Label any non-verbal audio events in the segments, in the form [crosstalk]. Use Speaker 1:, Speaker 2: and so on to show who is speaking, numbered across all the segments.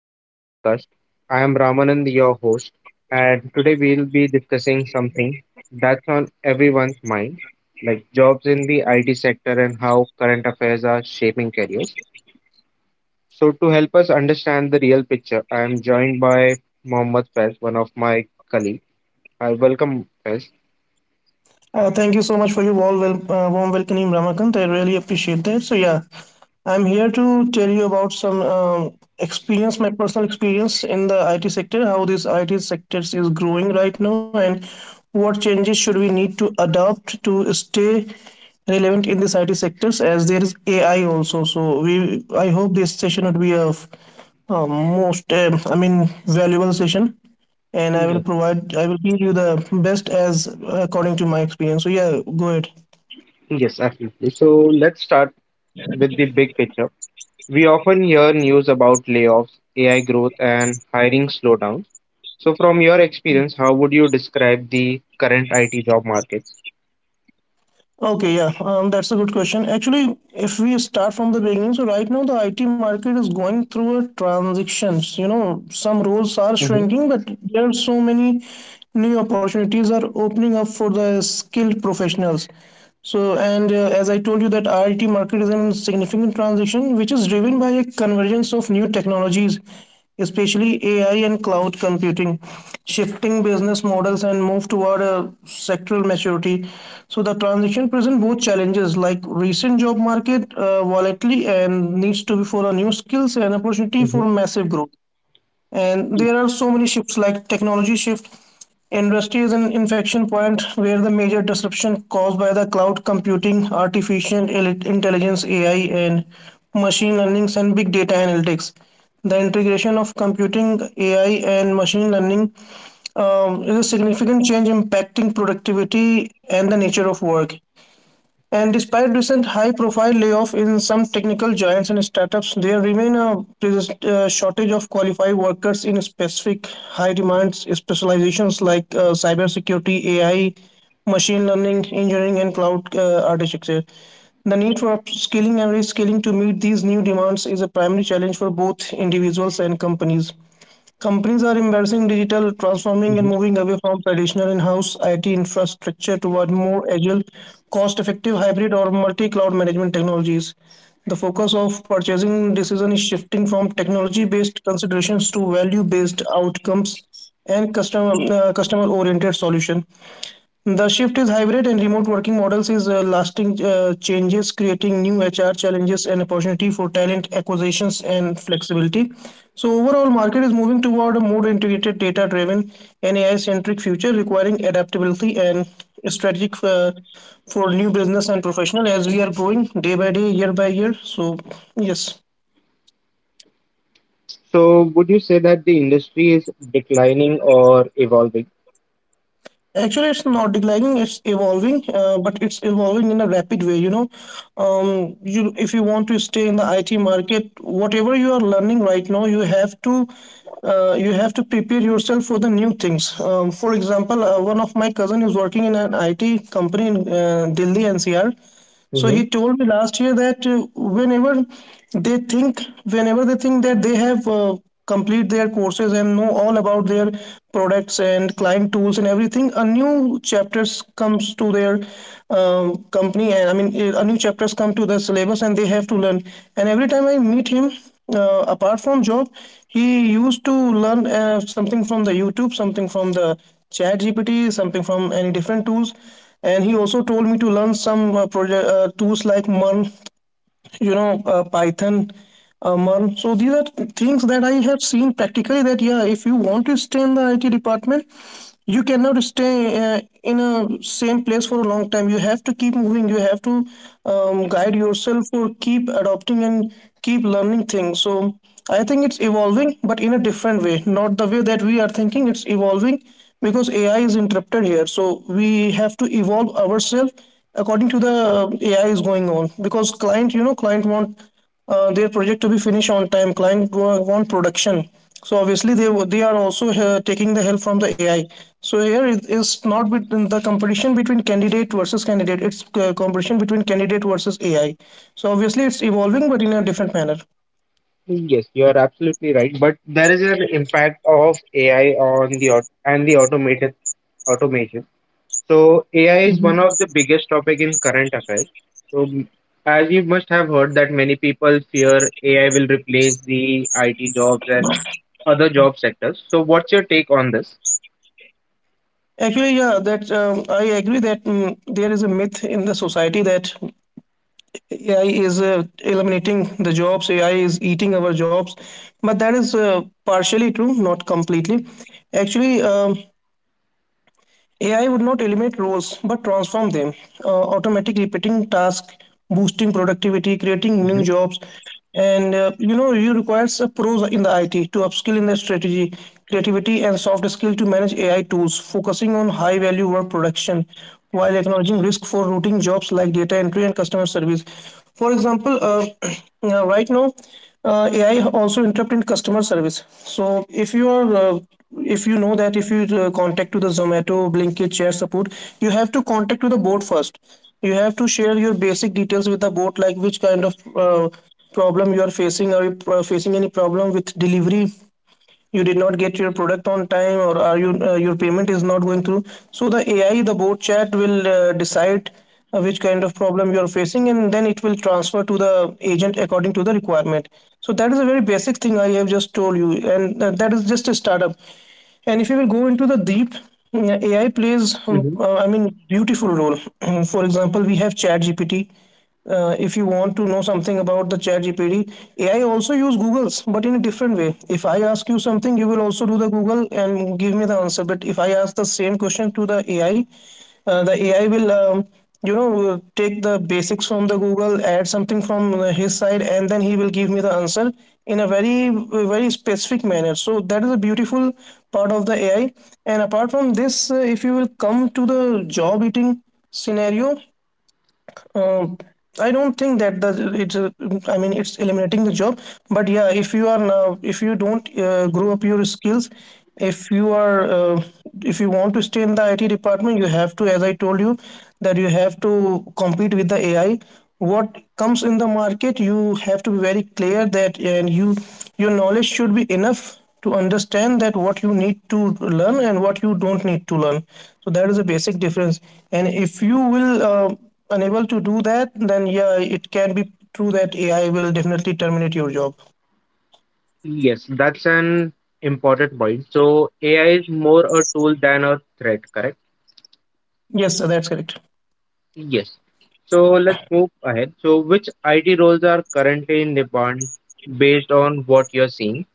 Speaker 1: to the podcast. I am Ramanand, your host, and today we'll be discussing something that's on everyone's mind, like jobs in the IT sector and how current affairs are shaping careers. So, to help us understand the real picture, I am joined by Mohammad Faiz, one of my colleagues. I welcome Faiz.
Speaker 2: Thank you so much for your warm welcoming, Ramakant. I really appreciate that. So yeah, I'm here to tell you about my personal experience in the IT sector, how this IT sector is growing right now, and what changes should we need to adopt to stay relevant in this IT sectors as there is AI also. So I hope this session would be a valuable session. And
Speaker 1: Yes,
Speaker 2: I will give you the best as according to my experience. So yeah, go ahead.
Speaker 1: yes, absolutely. So, let's start with the big picture. We often hear news about layoffs, AI growth, and hiring slowdowns. So, from your experience, how would you describe the current IT job markets?
Speaker 2: Okay, yeah, that's a good question. Actually, if we start from the beginning, so right now the IT market is going through a transitions. You know, some roles are
Speaker 1: Mhm,
Speaker 2: shrinking, but there are so many new opportunities are opening up for the skilled professionals. So, and as I told you that IT market is in significant transition, which is driven by a convergence of new technologies, especially AI and cloud computing, shifting business models and move toward a sectoral maturity. So the transition present both challenges like recent job market volatility and needs to be for a new skills and opportunity
Speaker 1: mhm,
Speaker 2: for massive growth. And
Speaker 1: mhm,
Speaker 2: there are so many shifts like technology shift. Industry is an inflection point where the major disruption caused by the cloud computing, artificial intelligence AI and machine learning, and big data analytics, the integration of computing AI and machine learning is a significant change impacting productivity and the nature of work. And despite recent high-profile layoff in some technical giants and startups, there remain a shortage of qualified workers in specific high-demand specializations like cybersecurity, AI, machine learning, engineering, and cloud architecture. The need for upskilling and reskilling to meet these new demands is a primary challenge for both individuals and companies. Companies are embracing digital, transforming and
Speaker 1: mhm.
Speaker 2: moving away from traditional in-house IT infrastructure toward more agile, cost-effective hybrid or multi-cloud management technologies. The focus of purchasing decision is shifting from technology-based considerations to value-based outcomes and customer oriented solution. The shift is hybrid and remote working models is lasting changes, creating new HR challenges and opportunity for talent acquisitions and flexibility. So overall market is moving toward a more integrated, data driven and ai centric future, requiring adaptability and strategic for new business and professional as we are growing day by day, year by year. So yes.
Speaker 1: So, would you say that the industry is declining or evolving?
Speaker 2: Actually, it's not declining, it's evolving, but it's evolving in a rapid way. You know, you if you want to stay in the IT market, whatever you are learning right now, you have to prepare yourself for the new things. For example, one of my cousin is working in an IT company in Delhi NCR, so
Speaker 1: Mhm.
Speaker 2: he told me last year that whenever they think that they have complete their courses and know all about their products and client tools and everything. A new chapters comes to their company, and I mean a new chapters come to the syllabus and they have to learn. And every time I meet him, apart from job, he used to learn something from the YouTube, something from the Chat GPT, something from any different tools. And he also told me to learn some project tools like MERN, you know, python, Merl. So these are things that I have seen practically, that yeah, if you want to stay in the IT department, you cannot stay in a same place for a long time. You have to keep moving, you have to guide yourself or keep adopting and keep learning things. So I think it's evolving, but in a different way, not the way that we are thinking it's evolving, because AI is interrupted here. So we have to evolve ourselves according to the AI is going on, because client, you know, client want their project to be finished on time. Client want production. So obviously they are also taking the help from the AI. So here it is not between the competition between candidate versus candidate, it's competition between candidate versus AI. So obviously it's evolving, but in a different manner.
Speaker 1: Yes, you are absolutely right. But there is an impact of AI on the automated automation. So AI is one of the biggest topic in current affairs. So m- as you must have heard that many people fear AI will replace the IT jobs and other job sectors. So what's your take on this?
Speaker 2: Actually, yeah, that I agree that there is a myth in the society that AI is eliminating the jobs, AI is eating our jobs, but that is partially true, not completely. Actually, AI would not eliminate roles but transform them, automatic repeating tasks, boosting productivity, creating new
Speaker 1: Hmm.
Speaker 2: jobs. And you know, you requires a pros in the IT to upskill in the strategy, creativity, and soft skill to manage AI tools, focusing on high value work production while acknowledging risk for routine jobs like data entry and customer service. For example, [clears throat] right now, AI also interrupt in customer service. So if you are if you know that if you contact to the Zomato, Blinkit, Share support, you have to contact to the board first. You have to share your basic details with the board, like which kind of problem you are facing. Are you facing any problem with delivery? You did not get your product on time, or are you your payment is not going through. So the ai the bot chat will decide which kind of problem you are facing, and then it will transfer to the agent according to the requirement. So that is a very basic thing I have just told you. And that is just a startup. And if you will go into the deep, AI plays,
Speaker 1: Hmm.
Speaker 2: I mean, beautiful role. [clears throat] For example, we have ChatGPT. If you want to know something about the ChatGPT, AI also use Google's, but in a different way. If I ask you something, you will also do the Google and give me the answer. But if I ask the same question to the AI, the AI will take the basics from the google, add something from his side, and then he will give me the answer in a very very specific manner. So that is a beautiful part of the AI. And apart from this, if you will come to the job eating scenario, um, I don't think that the it's. A- I mean, it's eliminating the job. But yeah, if you are now, if you don't grow up your skills, if you are, uh, if you want to stay in the IT department, you have to, as I told you, that you have to compete with the AI. What comes in the market, you have to be very clear that, and you, your knowledge should be enough to understand that what you need to learn and what you don't need to learn. So that is a basic difference. And if you will, unable to do that, then yeah, it can be true that AI will definitely terminate your job.
Speaker 1: Yes, that's an important point. So AI is more a tool than a threat, correct?
Speaker 2: Yes, that's correct.
Speaker 1: Yes. So let's move ahead. So which IT roles are currently in demand based on what you're seeing?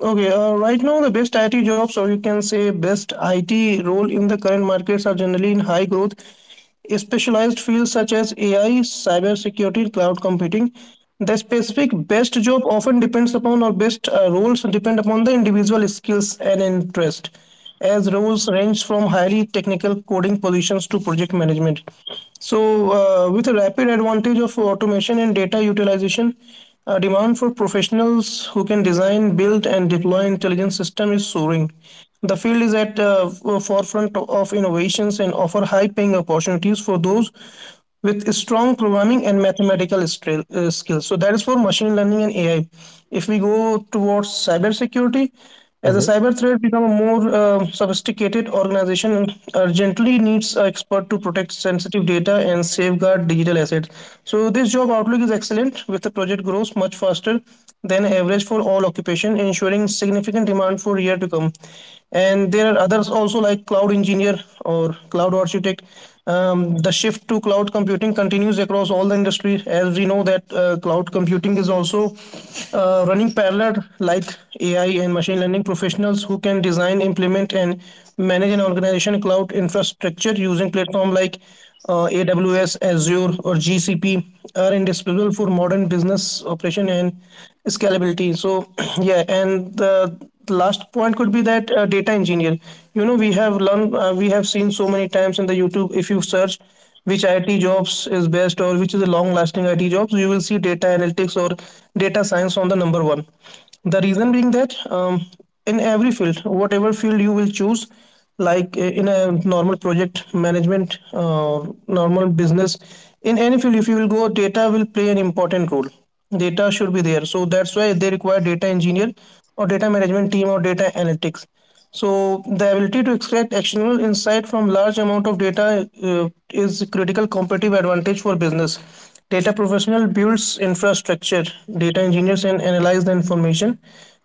Speaker 2: Okay, right now the best IT jobs, or you can say best IT role in the current markets, are generally in high growth, specialized fields such as AI, cybersecurity, cloud computing. The specific best job often depends upon, or best roles depend upon the individual skills and interest, as roles range from highly technical coding positions to project management. So, with a rapid advantage of automation and data utilization, demand for professionals who can design, build, and deploy intelligent systems is soaring. The field is at the forefront of innovations and offer high-paying opportunities for those with strong programming and mathematical skills. So that is for machine learning and AI. If we go towards cybersecurity, as
Speaker 1: Mhm.
Speaker 2: a cyber threat become a more sophisticated organization urgently needs an expert to protect sensitive data and safeguard digital assets. So this job outlook is excellent, with the project grows much faster than average for all occupation, ensuring significant demand for year to come. And there are others also like cloud engineer or cloud architect. The shift to cloud computing continues across all the industries. As we know that cloud computing is also running parallel like AI and machine learning professionals who can design, implement and manage an organization cloud infrastructure using platform like AWS, Azure or GCP are indispensable for modern business operation and scalability. So [clears throat] yeah, and the last point could be that data engineer. You know, we have learned we have seen so many times in the YouTube, if you search which IT jobs is best or which is a long lasting IT jobs, you will see data analytics or data science on the number one. The reason being that in every field, whatever field you will choose, like in a normal project management, normal business, in any field if you will go, data will play an important role. Data should be there, so that's why they require data engineer or data management team or data analytics. So the ability to extract actionable insight from large amount of data is a critical competitive advantage for business. Data professional builds infrastructure, data engineers and analyze the information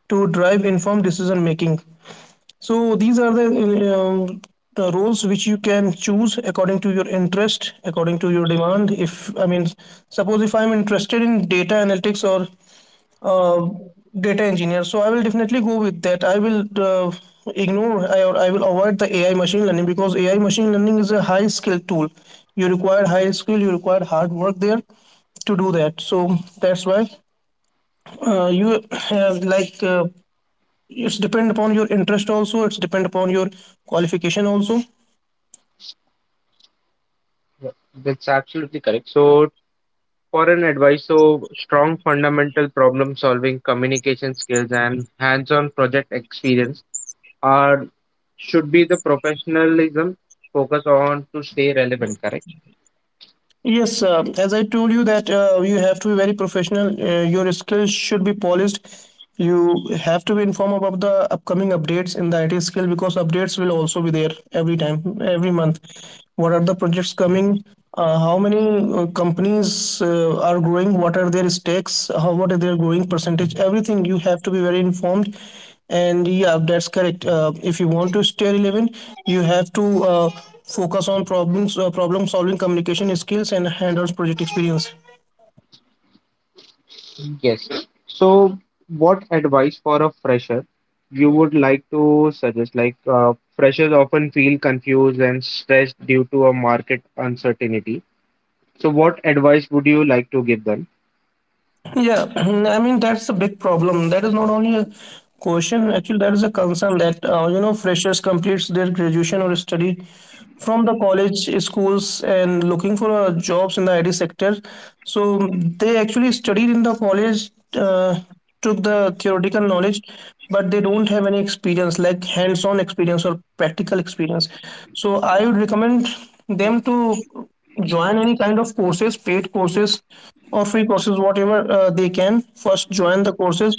Speaker 2: to drive informed decision making. So these are um, the roles which you can choose according to your interest, according to your demand. If I mean, suppose if I'm interested in data analytics or uh, data engineer, so I will definitely go with that. I will ignore I- or I will avoid the AI machine learning, because AI machine learning is a high skill tool. You require high skill, you require hard work there to do that. So that's why you have, like, it's depend upon your interest also, it's depend upon your qualification also.
Speaker 1: Yeah, that's absolutely correct. So foreign advice, so strong fundamental problem solving, communication skills, and hands-on project experience are should be the professionalism focus on to stay relevant, correct?
Speaker 2: Yes, as I told you that you have to be very professional. Your skills should be polished. You have to be informed about the upcoming updates in the IT skill, because updates will also be there every time, every month. What are the projects coming? How many companies are growing? What are their stakes? How, what are their growing percentage? Everything you have to be very informed. And yeah, that's correct. If you want to stay relevant, you have to. Focus on problems, problem solving, communication skills and hands-on project experience.
Speaker 1: Yes. So, what advice for a fresher you would like to suggest? Like, freshers often feel confused and stressed due to a market uncertainty. So, what advice would you like to give them?
Speaker 2: Yeah, [clears throat] I mean, that's a big problem. That is not only a question, actually that is a concern that you know, freshers completes their graduation or study from the college schools and looking for jobs in the IT sector. So they actually studied in the college, took the theoretical knowledge, but they don't have any experience, like hands-on experience or practical experience. So I would recommend them to join any kind of courses, paid courses or free courses, whatever they can. First, join the courses,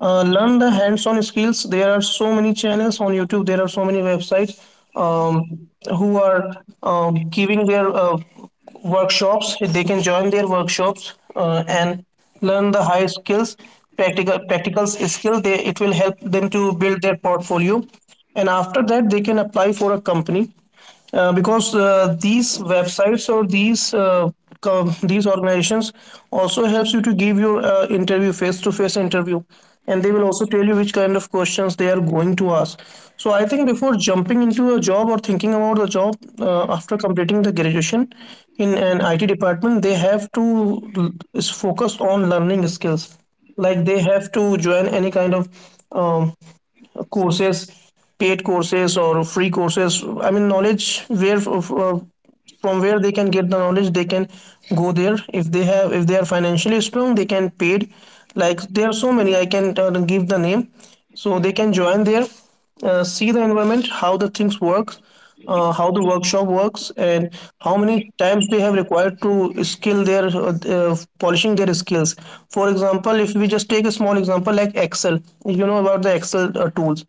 Speaker 2: learn the hands-on skills. There are so many channels on YouTube, there are so many websites, um, who are giving their workshops. They can join their workshops and learn the high skills, practical skill. They, it will help them to build their portfolio, and after that they can apply for a company. Because these websites or these these organizations also helps you to give your interview, face to face interview, and they will also tell you which kind of questions they are going to ask. So I think before jumping into a job or thinking about the job, after completing the graduation in an IT department, they have to l- is focus on learning skills, like they have to join any kind of um, courses, paid courses or free courses. I mean, knowledge where uh, from where they can get the knowledge, they can go there. If they have, if they are financially strong, they can paid, like there are so many, I can give the name. So they can join there, see the environment, how the things work, how the workshop works, and how many times they have required to skill their polishing their skills. For example, if we just take a small example, like Excel, you know about the Excel tools.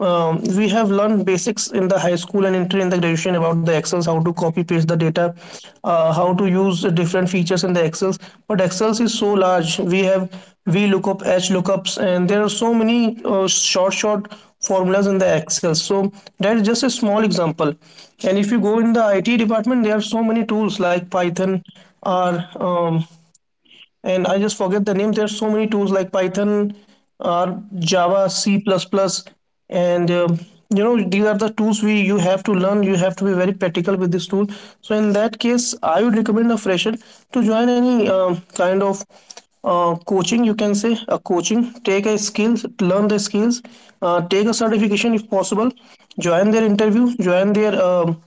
Speaker 2: We have learned basics in the high school and entry in the graduation about the Excels, how to copy paste the data, how to use different features in the Excels. But Excels is so large, we have V lookup, H lookups and there are so many short formulas in the Excel. So that is just a small example. And if you go in the IT department, there are so many tools like Python, or and I just forget the name. There's so many tools like Python, or Java, C++, and you know, these are the tools we you have to learn. You have to be very practical with this tool. So in that case, I would recommend a fresher to join any kind of coaching, you can say, a coaching. Take a skills, learn the skills, take a certification if possible. Join their interview, join their um,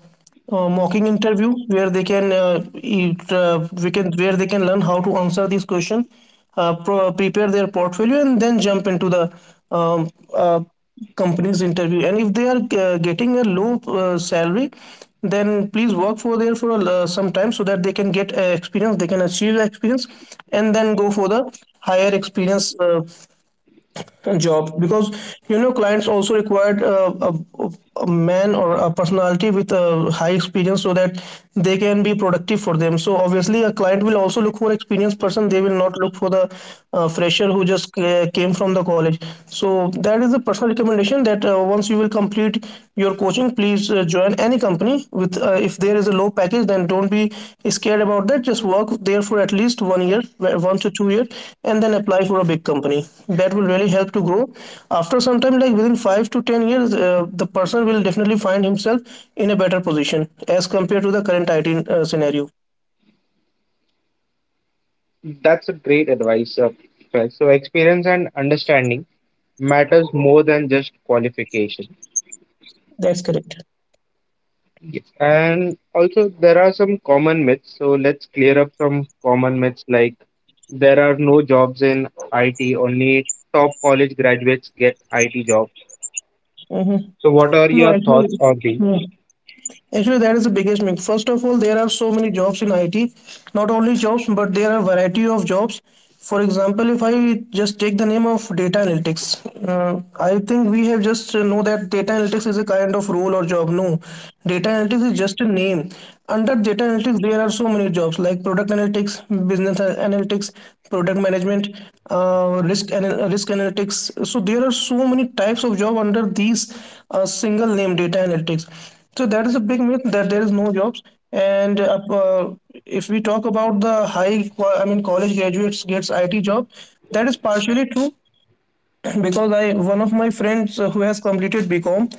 Speaker 2: uh, mocking interview, where they can it, we can where they can learn how to answer this question, prepare their portfolio, and then jump into the um, uh, company's interview. And if they are getting a low salary, then please work for there for some time, so that they can get experience, they can achieve experience, and then go for the higher experience jobs. Because you know, clients also required a man or a personality with a high experience, so that they can be productive for them. So obviously a client will also look for experienced person, they will not look for the fresher who just came from the college. So that is the personal recommendation, that once you will complete your coaching, please join any company with, if there is a low package, then don't be scared about that. Just work there for at least 1 year, 1 to 2 years, and then apply for a big company. That will really help to grow. After some time, like within 5 to 10 years, the person will definitely find himself in a better position as compared to the current IT scenario.
Speaker 1: That's a great advice. Right. So experience and understanding matters more than just qualification.
Speaker 2: That's correct.
Speaker 1: Yes. And also, there are some common myths. So, let's clear up some common myths like there are no jobs in IT, only top college graduates get IT jobs.
Speaker 2: Mm-hmm.
Speaker 1: So, what are
Speaker 2: No,
Speaker 1: your
Speaker 2: actually,
Speaker 1: thoughts on these?
Speaker 2: yeah. Actually, that is the biggest myth. First of all, there are so many jobs in IT. Not only jobs, but there are variety of jobs. For example, if I just take the name of data analytics, I think we have just know that data analytics is a kind of role or job. No, data analytics is just a name. Under data analytics, there are so many jobs like product analytics, business analytics, product management, risk analytics. So there are so many types of job under these single name data analytics. So that is a big myth, that there is no jobs. And if we talk about the high, I mean, college graduates gets IT job, that is partially true, [clears throat] because I one of my friends who has completed BCom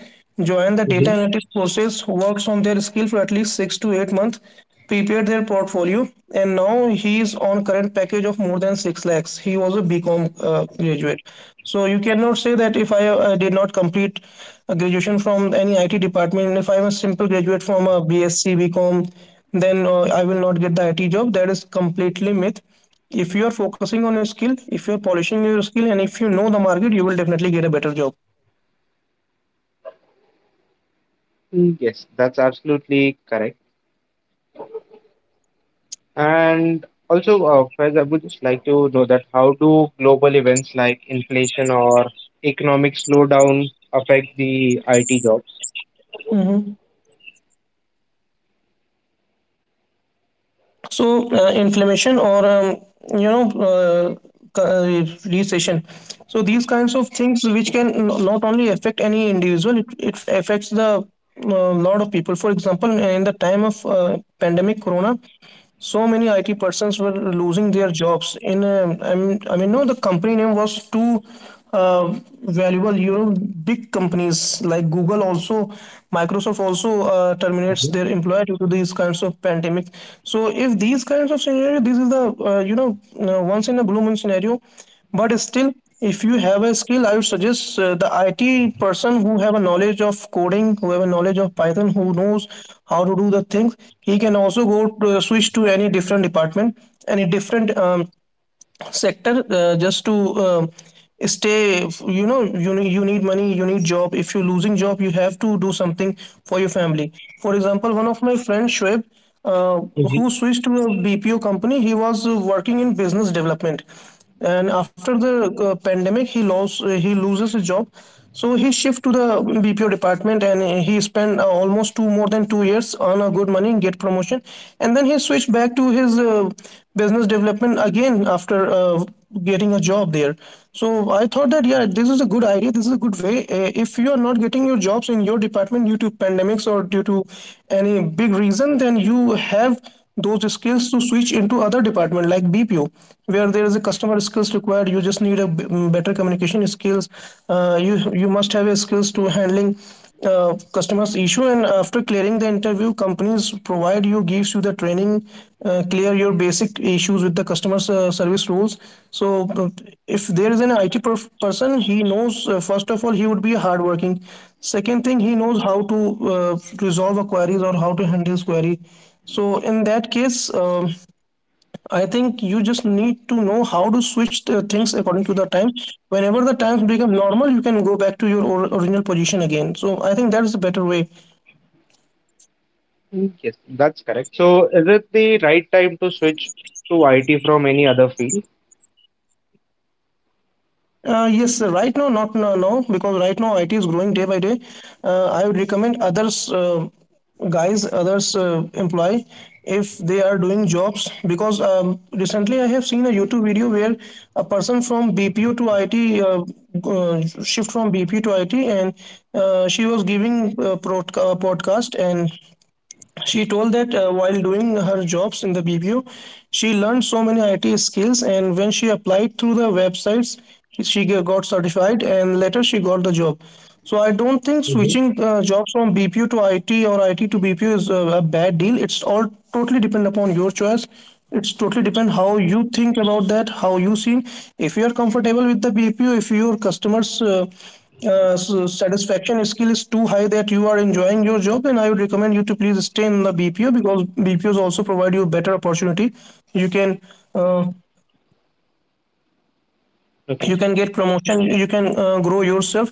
Speaker 2: joined the data
Speaker 1: Mhm.
Speaker 2: analytics process, works on their skill for at least 6 to 8 months, prepared their portfolio, and now he is on current package of more than 6 lakhs. He was a BCom graduate. So you cannot say that if I did not complete a graduation from any IT department, and if I'm a simple graduate from a BSc, BCom, then I will not get the IT job. That is completely myth. If you are focusing on a skill, if you are polishing your skill, and if you know the market, you will definitely get a better job.
Speaker 1: Mm, yes, that's absolutely correct. And also, Faiz, I would just like to know that how do global events like inflation or economic slowdown affect the IT jobs?
Speaker 2: Mm-hmm. So inflammation or you know uh, uh, recession, so these kinds of things which can not only affect any individual, it affects the lot of people. For example, in the time of pandemic corona, so many IT persons were losing their jobs. In no, the company name was too uh, valuable. You know, big companies like Google also, Microsoft also terminates
Speaker 1: Mhm.
Speaker 2: their employee due to these kinds of pandemic. So if these kinds of scenario, this is the once in a blue moon scenario, but still if you have a skill, I would suggest the IT person who have a knowledge of coding, who have a knowledge of Python, who knows how to do the things, he can also go to, switch to any different department, any different sector, just to um, stay. You know, you need money, you need job. If you're losing job, you have to do something for your family. For example, one of my friends Shoaib, uh, who switched to a BPO company. He was working in business development, and after the pandemic he lost he loses his job. So he shift to the BPO department, and he spent almost two more than 2 years on a good money, get promotion, and then he switched back to his business development again after getting a job there. So I thought that, yeah, this is a good idea, this is a good way. Uh, if you are not getting your jobs in your department due to pandemics or due to any big reason, then you have those skills to switch into other department like BPO, where there is a customer skills required. You just need a better communication skills. Uh, you must have a skills to handling customers issue, and after clearing the interview, companies provide you, gives you the training, clear your basic issues with the customers service rules. So if there is an IT person, he knows, first of all, he would be a hardworking. Second thing, he knows how to resolve a queries or how to handle query. So in that case, I think you just need to know how to switch the things according to the times. Whenever the times become normal, you can go back to your original position again. So I think that is a better way.
Speaker 1: Mm, yes, that's correct. So, is it the right time to switch to IT from any other field?
Speaker 2: Yes, sir. Right now, not no, no, because right now IT is growing day by day. I would recommend others, guys, others employ if they are doing jobs, because recently I have seen a YouTube video where a person from BPO to IT shift from BPO to IT, and she was giving a podcast, and she told that while doing her jobs in the BPO, she learned so many IT skills, and when she applied through the websites, she got certified, and later she got the job. So I don't think
Speaker 1: Mhm.
Speaker 2: switching jobs from BPO to IT or IT to BPO is a bad deal. It's all totally depend upon your choice. It's totally depend how you think about that, how you seen. If you are comfortable with the BPO, if your customers so satisfaction skill is too high that you are enjoying your job, then I would recommend you to please stay in the BPO, because BPOs also provide you better opportunity. You can, uh,
Speaker 1: Okay,
Speaker 2: you can get promotion, you can grow yourself.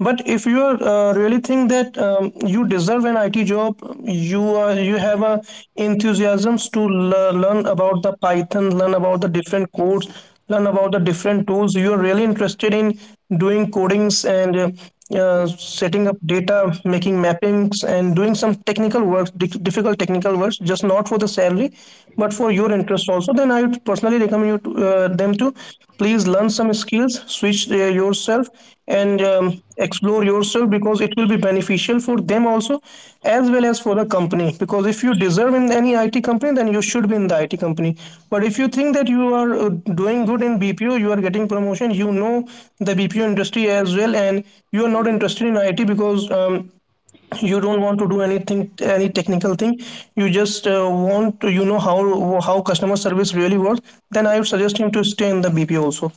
Speaker 2: But if you are really think that you deserve an IT job, you are, you have a enthusiasms to learn about the Python, learn about the different codes, learn about the different tools. You are really interested in doing codings and setting up data, making mappings, and doing some technical works, difficult technical works, just not for the salary, but for your interest also. Then I would personally recommend you to, them to please learn some skills, switch yourself, and explore yourself, because it will be beneficial for them also, as well as for the company, because if you deserve in any IT company, then you should be in the IT company. But if you think that you are doing good in BPO, you are getting promotion, you know the BPO industry as well, and you are not interested in IT because you don't want to do anything, any technical thing, you just want to, you know, how customer service really works, then I would suggest him to stay in the BPO also.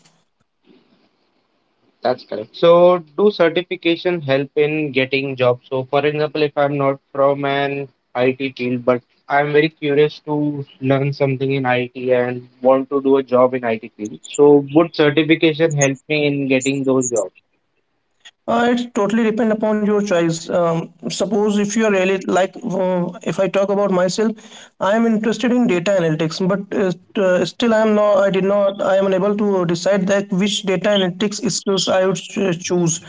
Speaker 1: that's correct. So, do certification help in getting jobs? So, for example, if I'm not from an IT field, but I'm very curious to learn something in IT and want to do a job in IT field, so would certification help me in getting those jobs?
Speaker 2: It totally depend upon your choice. Suppose if you are really like, if I talk about myself, I am interested in data analytics, but still I am not. I did not. I am unable to decide that which data analytics skills I would choose.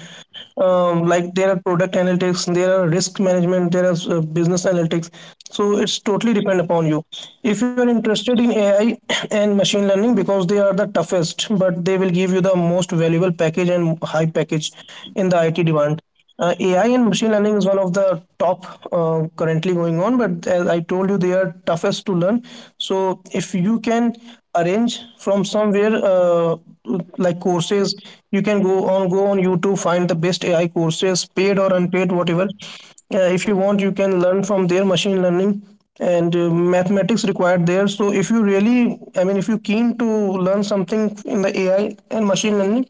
Speaker 2: Um, like there are product analytics, there are risk management, there are business analytics. So it's totally depend upon you. If you are interested in AI [coughs] and machine learning, because they are the toughest, but they will give you the most valuable package and high package in the IT demand. Uh, AI and machine learning is one of the top currently going on, but as I told you, they are toughest to learn. So if you can arrange from somewhere like courses, you can go on YouTube, find the best AI courses, paid or unpaid, whatever. If you want, you can learn from their machine learning, and mathematics required there. So if you really, I mean, if you're keen to learn something in the AI and machine learning,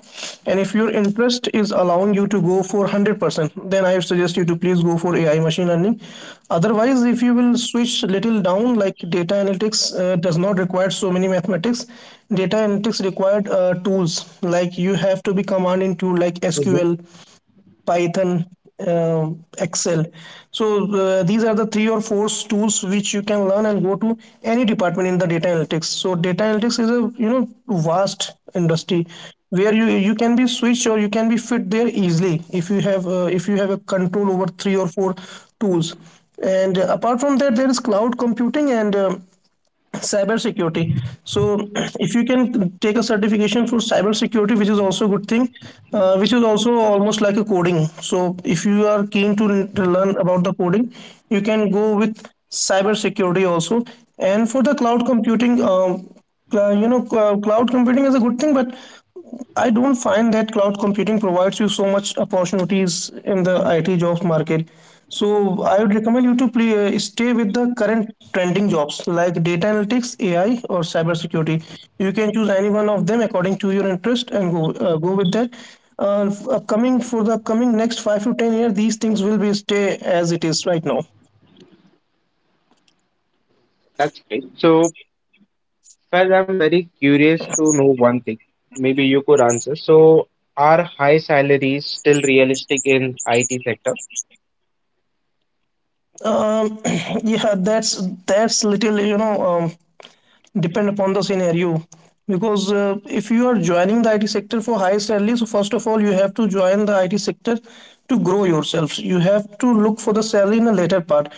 Speaker 2: and if your interest is allowing you to go for 100%, then I would suggest you to please go for AI machine learning. Otherwise if you will switch little down, like data analytics does not require so many mathematics. Data analytics required tools like, you have to be command into like
Speaker 1: Mhm.
Speaker 2: SQL, Python, uh, Excel. So these are the three or four tools which you can learn and go to any department in the data analytics. So data analytics is a, you know, vast industry where you can be switched or you can be fit there easily if you have, if you have a control over three or four tools. And apart from that, there is cloud computing and cyber security. So if you can take a certification for cyber security, which is also a good thing, which is also almost like a coding. So if you are keen to learn about the coding, you can go with cyber security also. And for the cloud computing, you know, cloud computing is a good thing, but I don't find that cloud computing provides you so much opportunities in the IT jobs market. So I would recommend you to play, stay with the current trending jobs like data analytics, AI, or cybersecurity. You can choose any one of them according to your interest and go, go with that. Upcoming for the upcoming next 5 to 10 years, these things will be stay as it is right now.
Speaker 1: That's great. So, well, I'm very curious to know one thing. Maybe you could answer. So, are high salaries still realistic in IT sector?
Speaker 2: Um, [clears throat] yeah, that's little, you know, depend upon the scenario, because if you are joining the IT sector for high salary, so first of all you have to join the IT sector to grow yourselves. You have to look for the salary in a later part.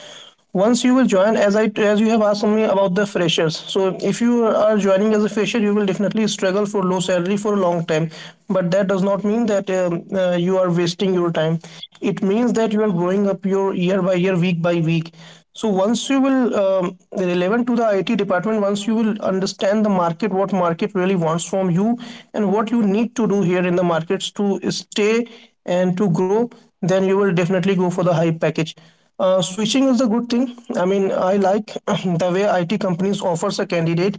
Speaker 2: Once you will join, as I, as you have asked me about the freshers, so if you are joining as a fresher, you will definitely struggle for low salary for a long time. But that does not mean that you are wasting your time. It means that you are growing up your year by year, week by week. So once you will relevant to the IT department, once you will understand the market, what market really wants from you, and what you need to do here in the markets to stay and to grow, then you will definitely go for the high package. Switching is a good thing. I mean, I like [clears throat] the way IT companies offers a candidate.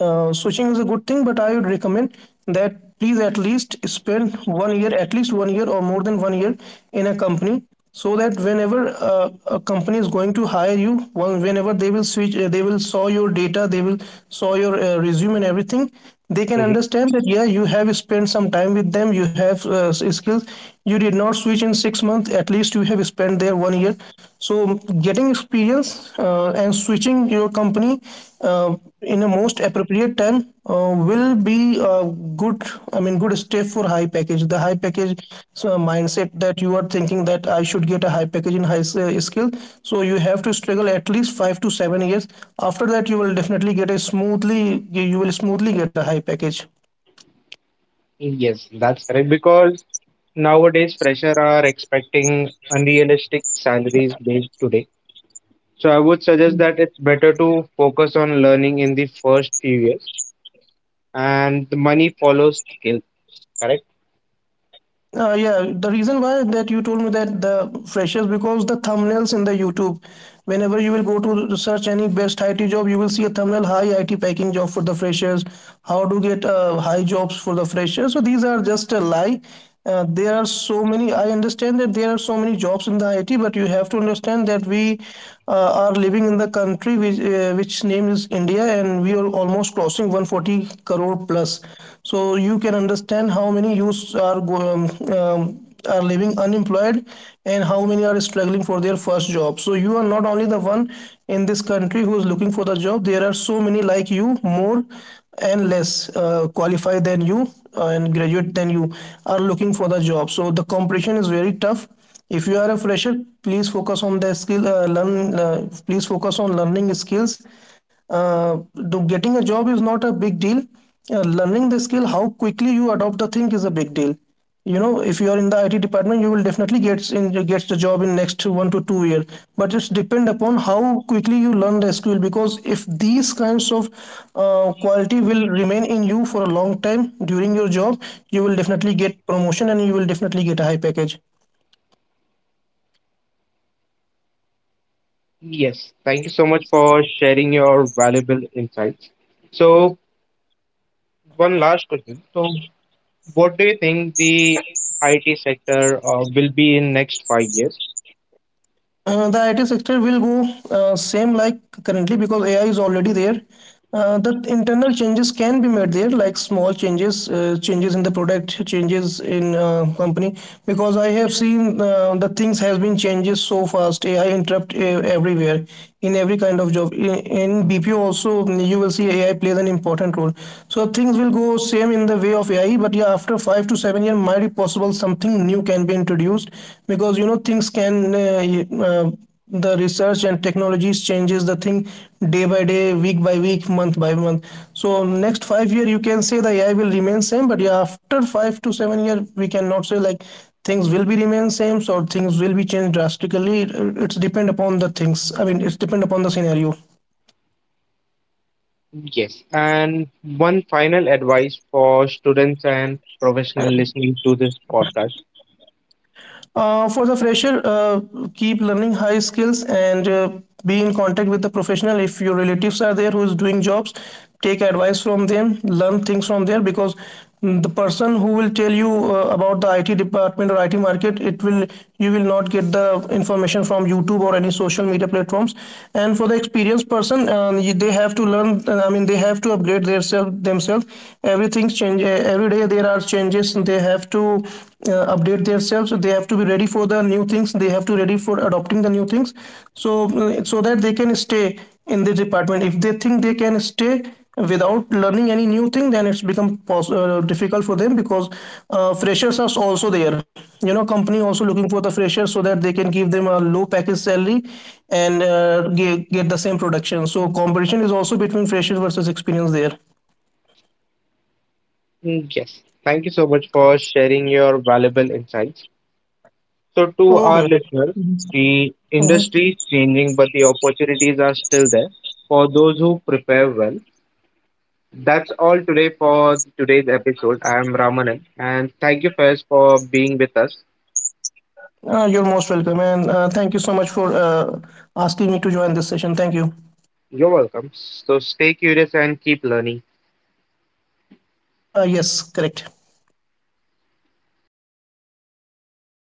Speaker 2: Switching is a good thing, but I would recommend that please at least spend 1 year, at least 1 year or more than 1 year in a company, so that whenever a company is going to hire you one, whenever they will switch, they will saw your data, they will saw your resume and everything, they can
Speaker 1: Hmm.
Speaker 2: understand that yeah, you have spent some time with them, you have skills, you did not switch in 6 months, at least you have spent there 1 year. So getting experience and switching, choosing your company uh, in a most appropriate time will be a good, I mean, good step for high package the high package. So mindset that you are thinking that I should get a high package in high skill, so you have to struggle at least 5 to 7 years. After that, you will definitely get a smoothly, you will smoothly get a high package.
Speaker 1: Yes, that's correct. Because nowadays fresher are expecting unrealistic salaries based today. So I would suggest that it's better to focus on learning in the first few years, and the money follows skill. Correct?
Speaker 2: Yeah, the reason why that you told me that the freshers, because the thumbnails in the YouTube, whenever you will go to search any best IT job, you will see a thumbnail high IT packing job for the freshers, how to get high jobs for the freshers. So these are just a lie. There are so many. I understand that there are so many jobs in the IT, but you have to understand that we are living in the country which name is India, and we are almost crossing 140 crore plus. So you can understand how many youths um, um, are living unemployed, and how many are struggling for their first job. So you are not only the one in this country who is looking for the job. There are so many like you, more and less qualified than you, and graduate than you, are looking for the job. So the competition is very tough. If you are a fresher, please focus on the skill, learn, please focus on learning skills. Uh, getting a job is not a big deal. Uh, learning the skill, how quickly you adopt the thing, is a big deal. You know, if you are in the IT department, you will definitely gets the job in next 1 to 2 years. But it's depend upon how quickly you learn the skill, because if these kinds of quality will remain in you for a long time during your job, you will definitely get promotion and you will definitely get a high package.
Speaker 1: Yes. Thank you so much for sharing your valuable insights. So one last question. So what do you think the IT sector will be in next 5 years?
Speaker 2: The IT sector will go same like currently, because AI is already there. The internal changes can be made there, like small changes, changes in the product, changes in company. Because I have seen the things has been changes so fast. AI interrupt everywhere in every kind of job. In BPO also, you will see AI plays an important role. So things will go same in the way of AI, but yeah, after 5 to 7 year might be possible something new can be introduced, because you know things can the research and technologies changes the thing day by day, week by week, month by month. So next 5 year you can say the AI will remain same. But yeah, after 5 to 7 year, we cannot say like things will be remain same. So things will be changed drastically. It's depend upon the things, I mean, it's depend upon the scenario.
Speaker 1: Yes. And one final advice for students and professionals listening to this podcast.
Speaker 2: For the fresher, keep learning high skills, and be in contact with the professional. If your relatives are there who is doing jobs, take advice from them, learn things from there, because the person who will tell you about the IT department or IT market, it will, you will not get the information from YouTube or any social media platforms. And for the experienced person, they have to learn. I mean, they have to upgrade themselves. Themselves, everything's change. Every day there are changes. They have to update themselves, they have to be ready for the new things, they have to ready for adopting the new things. So so that they can stay in this department. If they think they can stay without learning any new thing, then it's become difficult for them, because freshers are also there. You know, company also looking for the freshers, so that they can give them a low package salary, and get the same production. So competition is also between freshers versus experience there.
Speaker 1: Mm, yes. Thank you so much for sharing your valuable insights. So, to our
Speaker 2: Okay.
Speaker 1: listeners, the industry
Speaker 2: Mhm.
Speaker 1: is changing, but the opportunities are still there for those who prepare well. That's all today for today's episode. I am Ramanan, and thank you first for being with us.
Speaker 2: You're most welcome, and thank you so much for asking me to join this session. Thank you.
Speaker 1: You're welcome. So stay curious and keep learning.
Speaker 2: Yes, correct.